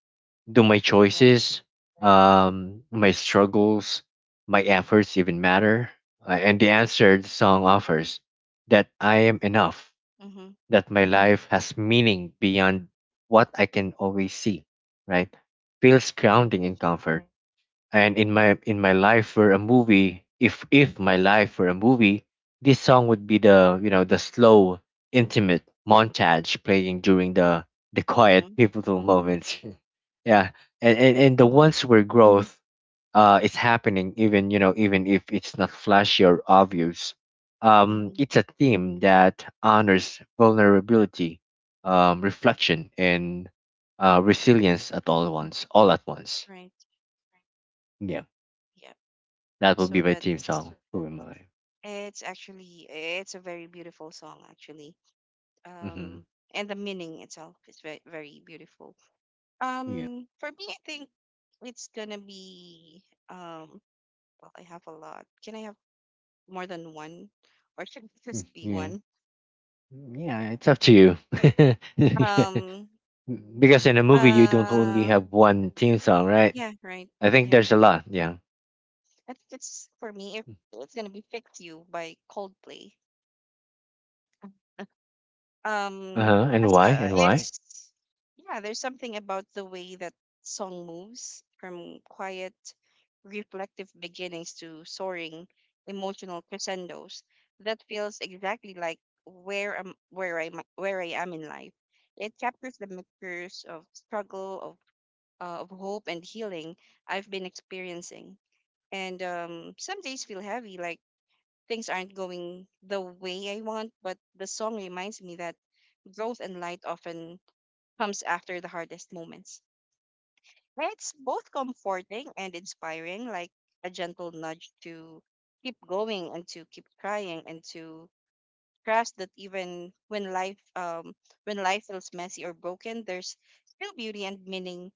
B: Do my
A: Right.
B: choices, my struggles, my efforts even matter? And the answer the song offers that I am enough,
A: Mm-hmm.
B: that my life has meaning beyond what I can always see, right? Feels
A: Right.
B: grounding and comfort. And in my life were a movie, if my life were a movie, this song
A: Mm-hmm.
B: would be the you know the slow, intimate montage playing during the quiet
A: Mm-hmm.
B: pivotal moments. Yeah, and and the ones where growth it's happening even you know even if it's not flashy or obvious.
A: Mm-hmm.
B: It's a theme that honors vulnerability, reflection, and resilience at all
A: Hmm.
B: once, all at once.
A: Right.
B: Yeah,
A: Yep.
B: that will
A: So
B: be my theme
A: that's
B: song, Who Am I.
A: it's actually it's a very beautiful song actually.
B: Hmm.
A: Um and the meaning itself is very very beautiful.
B: Yeah.
A: For me I think it's gonna be um well I have a lot. Can I have more than one? Or should it
B: Mm,
A: just be
B: yeah,
A: one?
B: yeah, it's up to you. Yeah.
A: Um
B: Because in a movie you don't only
A: uh
B: have one theme song, right?
A: yeah, right.
B: I think
A: Yeah.
B: there's a lot, yeah.
A: I think it's for me. If it's gonna be "Fix You" by Coldplay. Um,
B: Uh-huh, and
A: yes,
B: why, and why?
A: it's yeah. There's something about the way that song moves from quiet, reflective beginnings to soaring, emotional crescendos. That feels exactly like where I'm, where I, where I am in life. It captures the mixtures of struggle, of hope and healing I've been experiencing. And some days feel heavy, like things aren't going the way I want, but the song reminds me that growth and light often comes after the hardest moments. And it's both comforting and inspiring, like a gentle nudge to keep going and to keep trying and to trust that even when life feels messy or broken, there's still beauty and meaning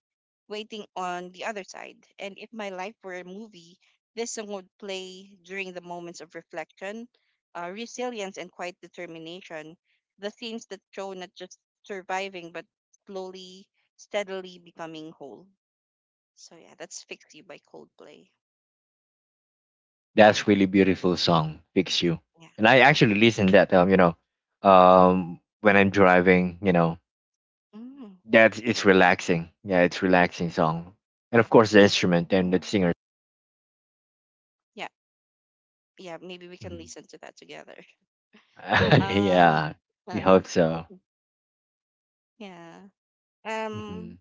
A: waiting on the other side. And if my life were a movie, this song would play during the moments of reflection, resilience, and quiet determination. The themes that show not just surviving, but slowly, steadily becoming whole. So, yeah, that's Fix You by Coldplay.
B: That's really beautiful song, Fix You.
A: Yeah.
B: And I actually listen that you know, when I'm driving, you know.
A: Mm,
B: That's it's
A: right.
B: relaxing. Yeah, it's relaxing song. And of course
A: Yeah,
B: the
A: sure.
B: instrument and the singer.
A: Yeah. Yeah. Maybe we can
B: Mhm.
A: listen to that together. Um,
B: Yeah. I
A: uh,
B: hope so.
A: yeah.
B: Hmm.
A: Um,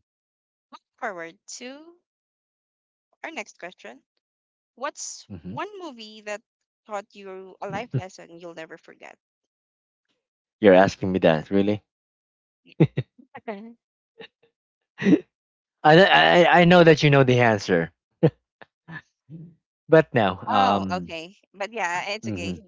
A: forward to our next question. What's
B: Hmm.
A: one movie that taught you a life lesson you'll never forget?
B: You're asking me that, really?
A: Y- okay.
B: I, I know that you know the answer. But now,
A: Oh,
B: um,
A: okay. But yeah, it's
B: mhm.
A: okay.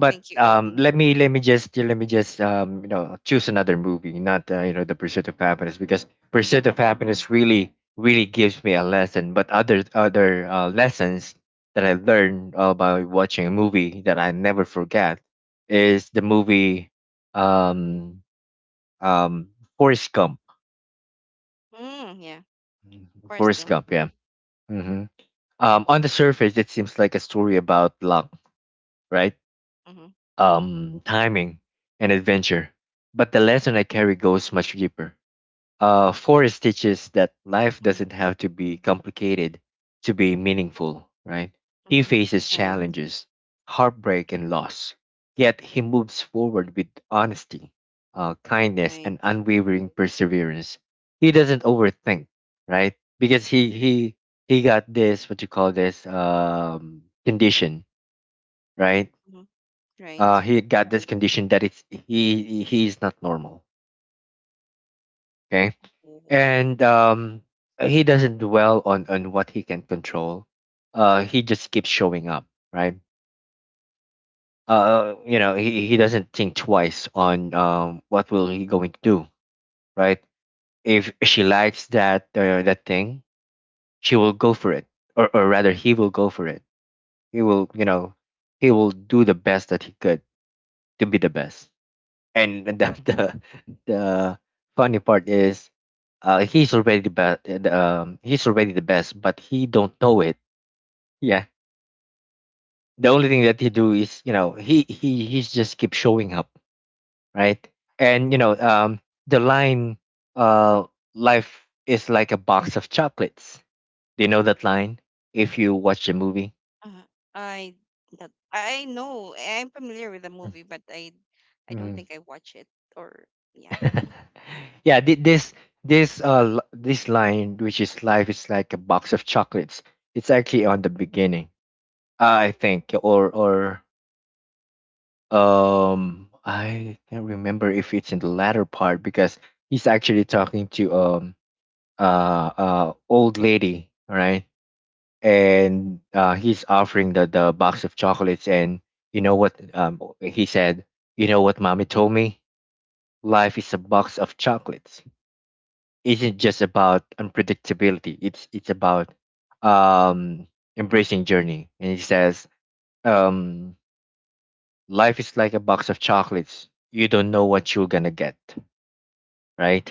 A: I think you
B: let me let me just you know choose another movie, not you know, The Pursuit of Happiness, because Pursuit of
A: okay.
B: Happiness really really gives me a lesson. But other other lessons that I learned by watching a movie that I never forget is the movie
A: Mm,
B: um um Forrest Gump.
A: mm, yeah. Of course.
B: Forrest
A: You-
B: Gump, yeah.
A: Mm,
B: Hmm. On the surface it seems like a story about luck, right?
A: mm-hmm,
B: Timing, and adventure. But the lesson I carry goes much deeper. Forrest teaches that life
A: mm-hmm,
B: doesn't have to be complicated to be meaningful, right? He
A: mm-hmm.
B: faces
A: Right,
B: challenges, heartbreak, and loss. Yet he moves forward with honesty, kindness, and
A: right,
B: unwavering perseverance. He doesn't overthink, right? Because he he got this what you call this condition, right?
A: mm-hmm, right.
B: He got this condition that it's he is not normal, okay.
A: Oh,
B: And he doesn't dwell on what he can control. He just keeps showing up, right? You know, he doesn't think twice on what will he going to do, right? If she likes that that thing, she will go for it, or rather he will go for it. He will, you know, he will do the best that he could to be the best. And the the funny part is he's already the best. He's already the best, but he don't know it. Yeah, the only thing that he do is you know he's just keep showing up, right? And you know, the line, uh life is like a box of chocolates. Do you know that line if you watch the movie?
A: Uh, I that- I know I'm familiar with the movie, but I don't think I watch it or yeah.
B: Yeah, this line, which is life is like a box of chocolates. It's actually on the beginning, I think, or I can't remember if it's in the latter part, because he's actually talking to old lady, right? And he's offering the box of chocolates, and you know what he said. You know what mommy told me? Life is a box of chocolates. Isn't just about unpredictability. It's about um, embracing journey. And it says, um, life is like a box of chocolates. You don't know what you're gonna get, right?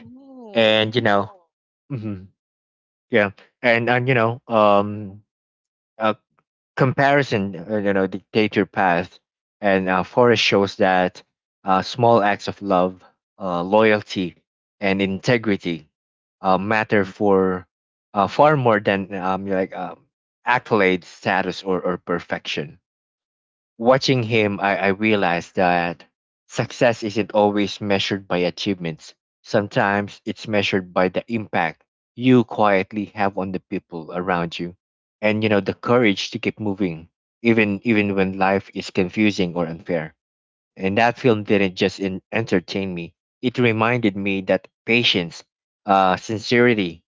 B: And
A: Oh,
B: you know, hmm, yeah, and you know, uh, comparison, you know, dictate your path. And Forrest shows that small acts of love, loyalty, and integrity matter for far more than accolades, status, or perfection. Watching him, I realized that success isn't always measured by achievements. Sometimes it's measured by the impact you quietly have on the people around you, and you know the courage to keep moving even even when life is confusing or unfair. And that film didn't just in, entertain me. It reminded me that patience, sincerity,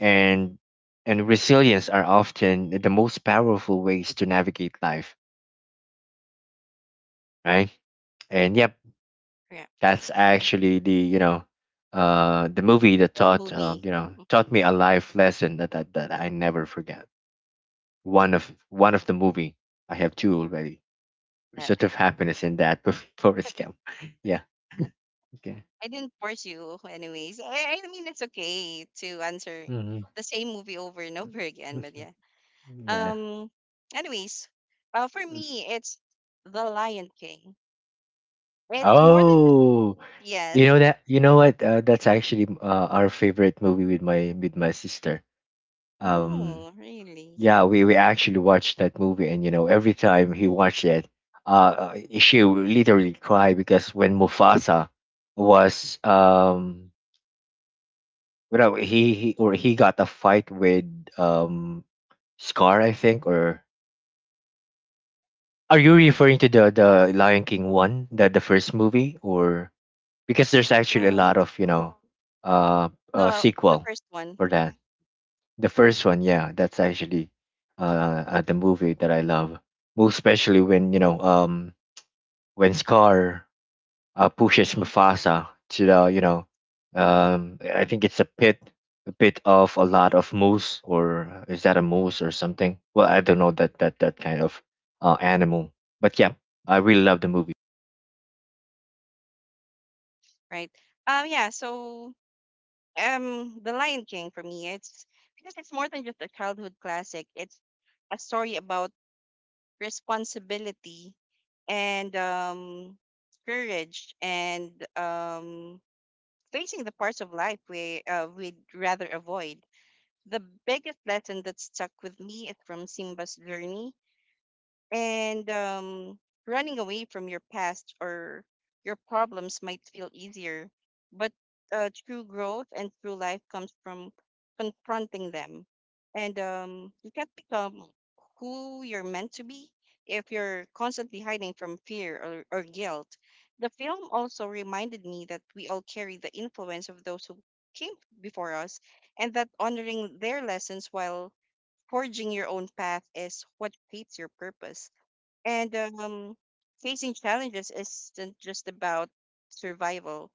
B: and and resilience are often the most powerful ways to navigate life, right? And yep,
A: yeah.
B: that's actually the you know the movie that
A: A
B: taught
A: movie.
B: you know
A: Mm,
B: taught me a life lesson that, that I never forget. One of one of the movie. I have two already.
A: uh,
B: Pursuit of Happiness in that. Before it's come, yeah, okay.
A: I didn't force you, anyways. I mean, it's okay to answer
B: Hmm.
A: the same movie over and over again, but yeah.
B: Yeah.
A: Um, anyways, for
B: Mm.
A: me, it's The Lion King. It's more than just
B: Oh,
A: yes.
B: you know that, you know what, that's actually our favorite movie with my sister. Um,
A: Oh, really?
B: yeah, we actually watched that movie, and you know, every time he watched it, she would literally cry because when Mufasa was you know, he or he got a fight with um Scar, I think, or are you referring to
A: Uh,
B: the Lion King one, the first movie, or because there's actually a
A: um,
B: lot of you know, uh,
A: the the
B: sequel
A: first one,
B: for that. The first one, yeah, that's actually the movie that I love most, especially when you know when Scar pushes
A: hmm
B: Mufasa to the you know I think it's a pit, a pit of a lot of moose, or is that a moose or something? Well, I don't know that that that kind of animal, but yeah, I really love the movie.
A: right? Yeah. So, The Lion King for me, it's because it's more than just a childhood classic. It's a story about responsibility, and courage, and facing the parts of life we we'd rather avoid. The biggest lesson that stuck with me is from Simba's journey, and running away from your past or your problems might feel easier, but true growth and true life comes from confronting them. And you can't become who you're meant to be if you're constantly hiding from fear or guilt. The film also reminded me that we all carry the influence of those who came before us, and that honoring their lessons while forging your own path is what creates your purpose. And facing challenges isn't just about survival.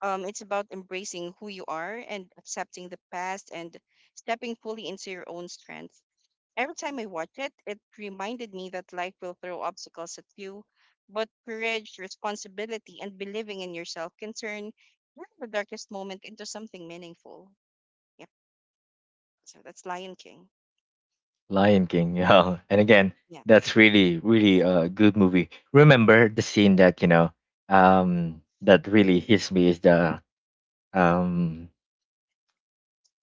A: It's about embracing who you are and accepting the past and stepping fully into your own strength. Every time I watch it, it reminded me that life will throw obstacles at you, but courage, responsibility, and believing in yourself can turn even the darkest moment into something meaningful. Yep. So that's Lion King.
B: Lion King, yeah. And again,
A: Yeah.
B: that's really, really a good movie. Remember the scene that really hits me is the um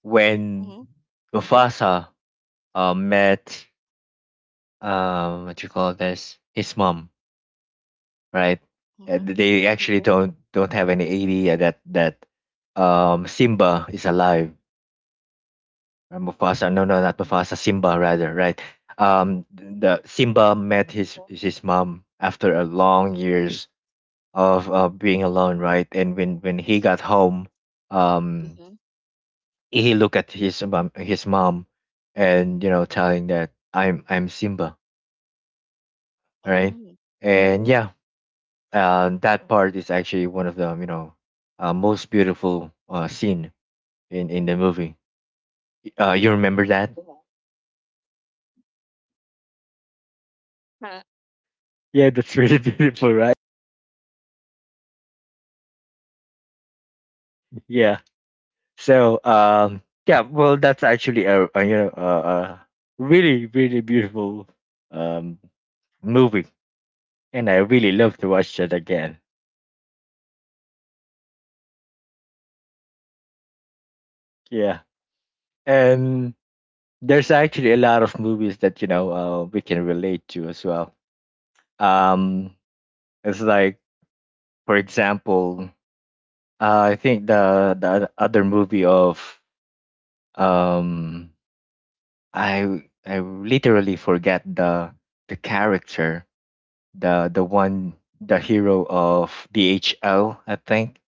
B: when
A: Mm-hmm.
B: Mufasa met what you call this, his mom, right?
A: Mm-hmm.
B: And they actually don't have any idea that Simba is alive. Or Mufasa. No, no, not Mufasa. Simba, rather, right? The
A: Mm-hmm.
B: Simba met his mom after a long years of being alone, right? And when he got home, um,
A: Mm-hmm.
B: he looked at his mom, and telling that I'm Simba, right?
A: Mm-hmm. Yeah.
B: And yeah, that part is actually one of the most beautiful scene in the movie. You remember that?
A: Huh.
B: Yeah, that's really beautiful, right? Yeah. So yeah, well, that's actually a you know a really really beautiful um movie, and I really love to watch that again. Yeah, and there's actually a lot of movies that we can relate to as well. Um, it's like, for example, I think the other movie of um I literally forget the character, the one, the hero of DHL, I think.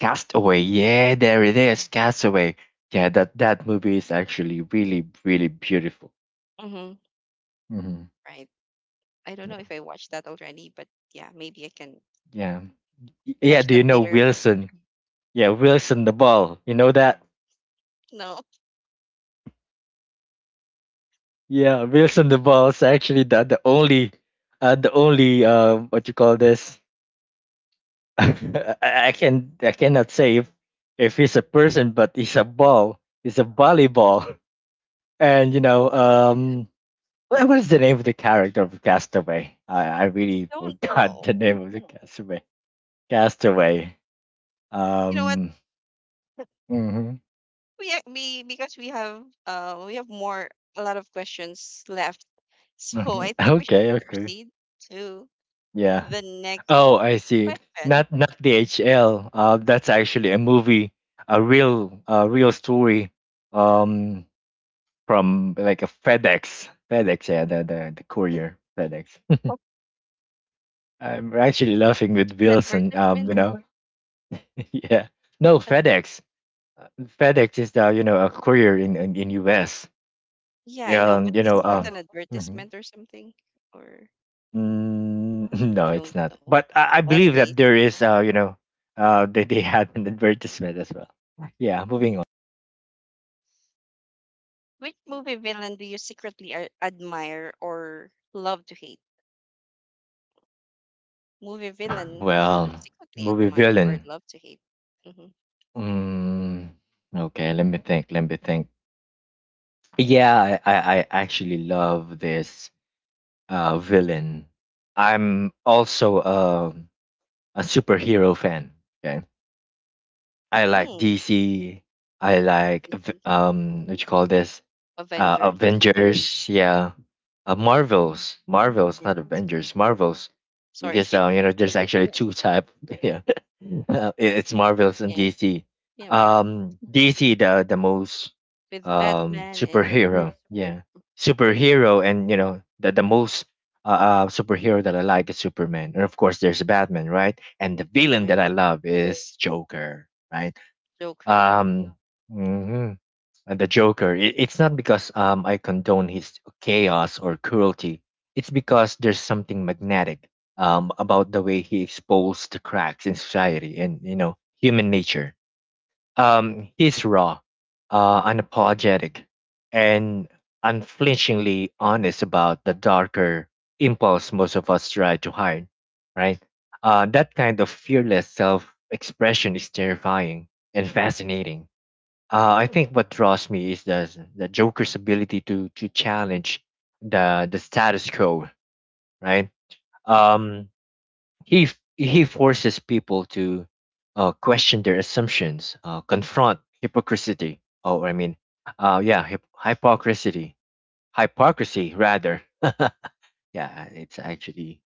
B: Castaway, yeah, there it is, Castaway. Yeah, that movie is actually really really beautiful.
A: Mm-hmm.
B: hmm
A: Right. I don't know
B: Yeah,
A: if I watched that already, but yeah, maybe I can
B: yeah, yeah.
A: watch
B: Do
A: that
B: you know
A: later.
B: Wilson? Yeah, Wilson the ball. You know that?
A: No.
B: Yeah, Wilson the ball is actually the only, the only, what you call this? I cannot say if he's a person, but he's a ball. He's a
A: Mhm.
B: volleyball. and you know
A: I
B: What was the name of the character of Castaway? I
A: I
B: really
A: don't
B: forgot
A: know.
B: the name of the Castaway. Castaway.
A: You know what?
B: Um. hmm
A: We, because we have more a lot of questions left, so I think we should
B: Okay. Okay.
A: proceed to
B: Yeah.
A: the next
B: Oh, I see.
A: question.
B: Not not the HL. That's actually a movie, a real story. Um, from like a FedEx. FedEx. Yeah. The courier. FedEx. I'm actually laughing with
A: An
B: Wilson.
A: advertisement,
B: Yeah. No,
A: advertisement.
B: FedEx. FedEx is the you know a courier in US.
A: Yeah, I know, but
B: Um, you
A: is
B: know
A: that an
B: um,
A: advertisement
B: Mhm.
A: or something? Or
B: Mm, no,
A: I
B: it's
A: don't
B: not.
A: know.
B: But I believe
A: Anyways,
B: that there is they had an advertisement as well. Yeah, moving
A: mm-hmm.
B: on.
A: Which movie villain do you secretly admire or love to hate? Movie villain you
B: Well,
A: secretly
B: movie
A: admire or
B: villain.
A: love to hate? Mm-hmm.
B: Mm, okay, let me think. Let me think. Yeah, I actually love this villain. I'm also a superhero fan. Okay. I like
A: Hmm.
B: DC. I like
A: DC,
B: what you call this?
A: Avengers,
B: Avengers, yeah. Marvels. Marvels, not
A: Marvel.
B: Avengers. Marvels.
A: Sorry.
B: Because you know there's actually
A: Yes.
B: two type. Yeah. It's Marvels and
A: Yeah,
B: DC.
A: yeah, Marvel
B: DC, the most
A: with Batman and
B: superhero.
A: Superman,
B: Yeah. Superhero, and you know the most superhero that I like is Superman. And of course there's Batman, right? And the villain that
A: right?
B: I love is Joker, right?
A: Joker. Uh-huh.
B: Um, mhm, and the Joker. It's not because I condone his chaos or cruelty. It's because there's something magnetic about the way he exposed the cracks in society and human nature. He's raw, unapologetic, and unflinchingly honest about the darker impulse most of us try to hide. Right? That kind of fearless self-expression is terrifying and fascinating. I think what draws me is the Joker's ability to challenge the status quo, right? Um, he forces people to question their assumptions, confront hypocrisy. Oh, I mean, yeah, hip- hypocrisy, hypocrisy rather. Yeah, it's actually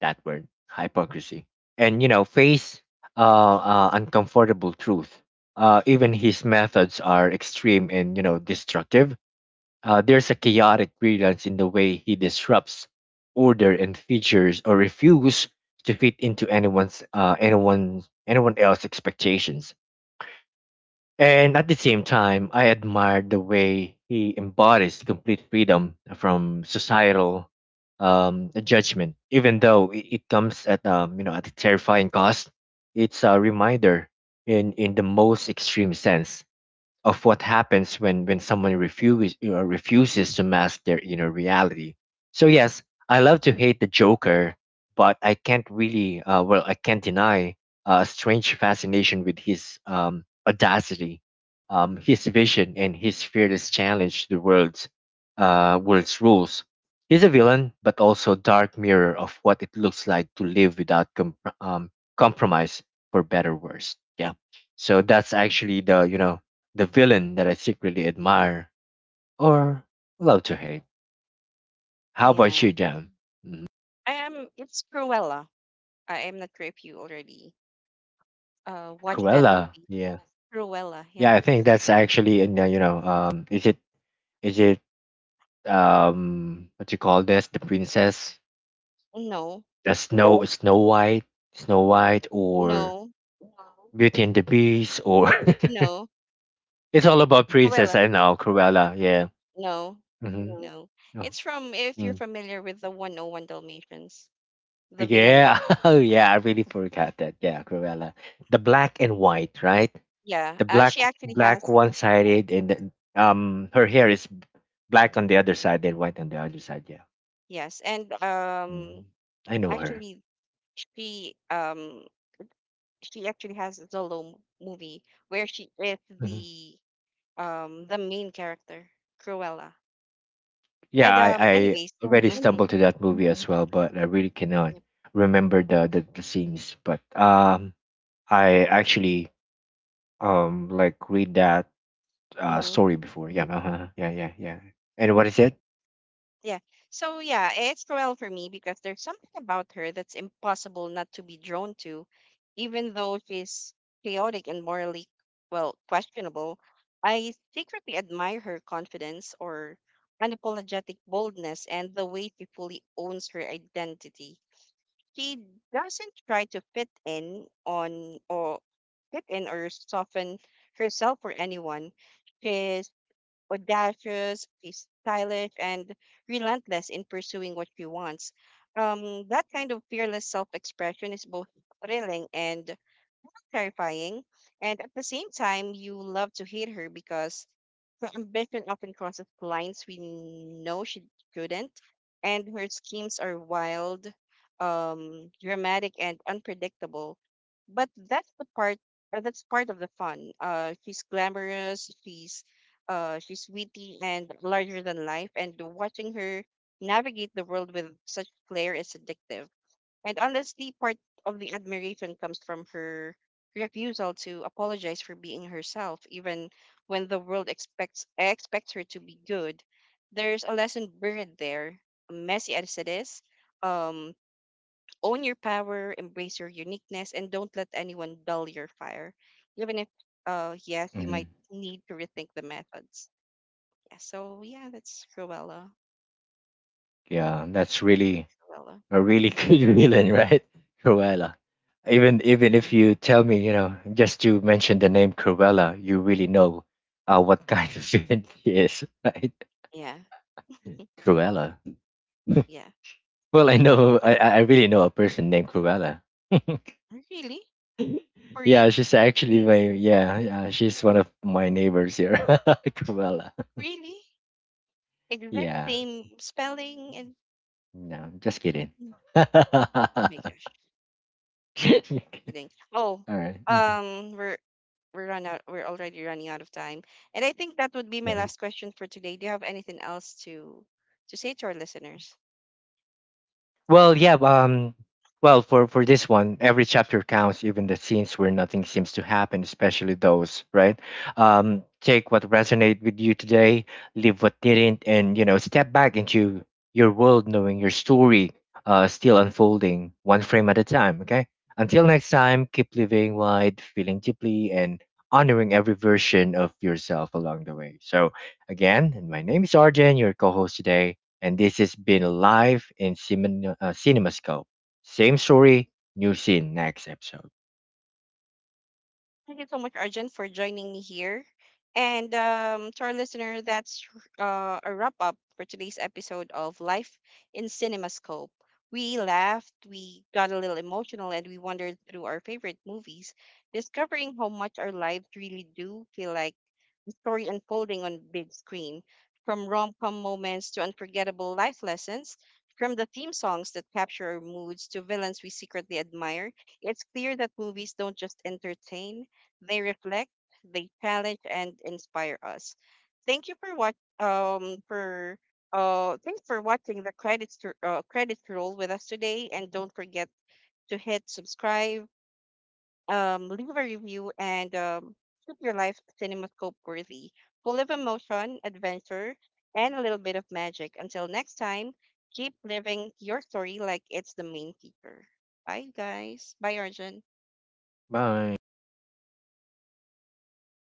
B: that word, hypocrisy, and you know, face uncomfortable truth. Even his methods are extreme and destructive. There's a chaotic brilliance in the way he disrupts order and features, or refuse to fit into anyone else's expectations. And at the same time, I admire the way he embodies complete freedom from societal judgment, even though it comes at, at a terrifying cost. It's a reminder, in the most extreme sense, of what happens when someone refuses, refuses to mask their inner reality. So yes, I love to hate the Joker, but I can't deny a strange fascination with his audacity, his vision, and his fearless challenge to the world's world's rules. He's a villain, but also a dark mirror of what it looks like to live without um, compromise, for better or worse. Yeah. So that's actually the you know the villain that I secretly admire or love to hate. How about you,
A: Yeah,
B: Jam? Mhm.
A: I am. It's Cruella. I am not sure if you already watched that
B: Cruella,
A: movie.
B: yeah,
A: Cruella. Yeah.
B: yeah. I think that's actually in, is it, is it what you call this, the princess,
A: No,
B: the Snow White, Snow White, or
A: no,
B: Beauty and the Beast, or
A: no.
B: it's all about princess.
A: Cruella.
B: I know Cruella, yeah.
A: No.
B: hmm
A: No.
B: Oh,
A: It's from, if you're
B: mm.
A: familiar with the 101 Dalmatians, the villain
B: Yeah.
A: there.
B: Oh, yeah. I really forgot that. Yeah, Cruella. The black and white, right?
A: Yeah,
B: The black,
A: she actually has.
B: one sided, and then her hair is black on the other side and white on the other side. Yeah.
A: Yes, and
B: Mm. I know her.
A: actually she um she actually has a movie where she is
B: Mhm.
A: the the main character, Cruella.
B: yeah
A: And um,
B: I
A: anyways,
B: already
A: mhm.
B: stumbled to that movie as well, but I really cannot
A: Yep.
B: remember the scenes. But I actually, like, read that
A: Mhm.
B: story before. Yeah, uh-huh. Yeah, yeah, yeah. And what is
A: Yep.
B: it?
A: Yeah. So yeah, it's Cruel for me because there's something about her that's impossible not to be drawn to, even though she's chaotic and morally, well, questionable. I secretly admire her confidence or unapologetic boldness and the way she fully owns her identity. She doesn't try to fit in or soften herself for anyone. Audacious, she's stylish, and relentless in pursuing what she wants. That kind of fearless self expression is both thrilling and terrifying, and at the same time, you love to hate her because her ambition often crosses lines we know she couldn't, and her schemes are wild, dramatic, and unpredictable. But that's the part. That's part of the fun. She's glamorous. She's witty and larger than life. And watching her navigate the world with such flair is addictive and, honestly, part of the admiration comes from her refusal to apologize for being herself, even when the world expects her to be good. There's a lesson buried there, messy as it is. Um, own your power, embrace your uniqueness, and don't let anyone dull your fire. Even if, yes, you
B: hmm
A: might need to rethink the methods. Yeah. So yeah, that's Cruella.
B: yeah, that's really
A: Cruella.
B: a really
A: Mm-hmm.
B: good villain, right? Cruella. Even
A: Mm-hmm.
B: if you tell me, you know, just to mention the name Cruella, you really know what kind of villain he is, right?
A: Yeah.
B: Cruella.
A: Yeah.
B: Well, I know, I really know a person named Cruella.
A: Really? For real?
B: Yeah, she's actually my, yeah, yeah, she's one of my neighbors here, Cruella.
A: Really? Exact
B: Yeah,
A: same spelling, and
B: no, just kidding.
A: oh
B: All
A: my gosh, kidding. Oh,
B: right. Mm-hmm.
A: um we're we're already running out of time, and I think that would be my last question for today. Do you have anything else to say to our listeners?
B: Well, yeah. Well, for this one, every chapter counts, even the scenes where nothing seems to happen, especially those, right? Take what resonated with you today, leave what didn't, and, you know, step back into your world, knowing your story still unfolding, one frame at a time. Okay. Until next time, keep living wide, feeling deeply, and honoring every version of yourself along the way. So, again, and my name is Arjen, your co-host today, and this has been Live in Cinemascope. Same story, new scene next episode.
A: Thank you so much, Arjun, for joining me here. And to our listener, that's a wrap up for today's episode of Life in CinemaScope. We laughed, we got a little emotional, and we wandered through our favorite movies, discovering how much our lives really do feel like the story unfolding on big screen. From rom com moments to unforgettable life lessons, from the theme songs that capture our moods to villains we secretly admire, it's clear that movies don't just entertain, they reflect, they challenge, and inspire us. Thank you for what for Thanks for watching the credits roll with us today, and don't forget to hit subscribe, leave a review, and keep your life cinemascope worthy, full of emotion, adventure, and a little bit of magic. Until next time, keep living your story like it's the main feature. Bye, guys. Bye, Arjun.
B: Bye.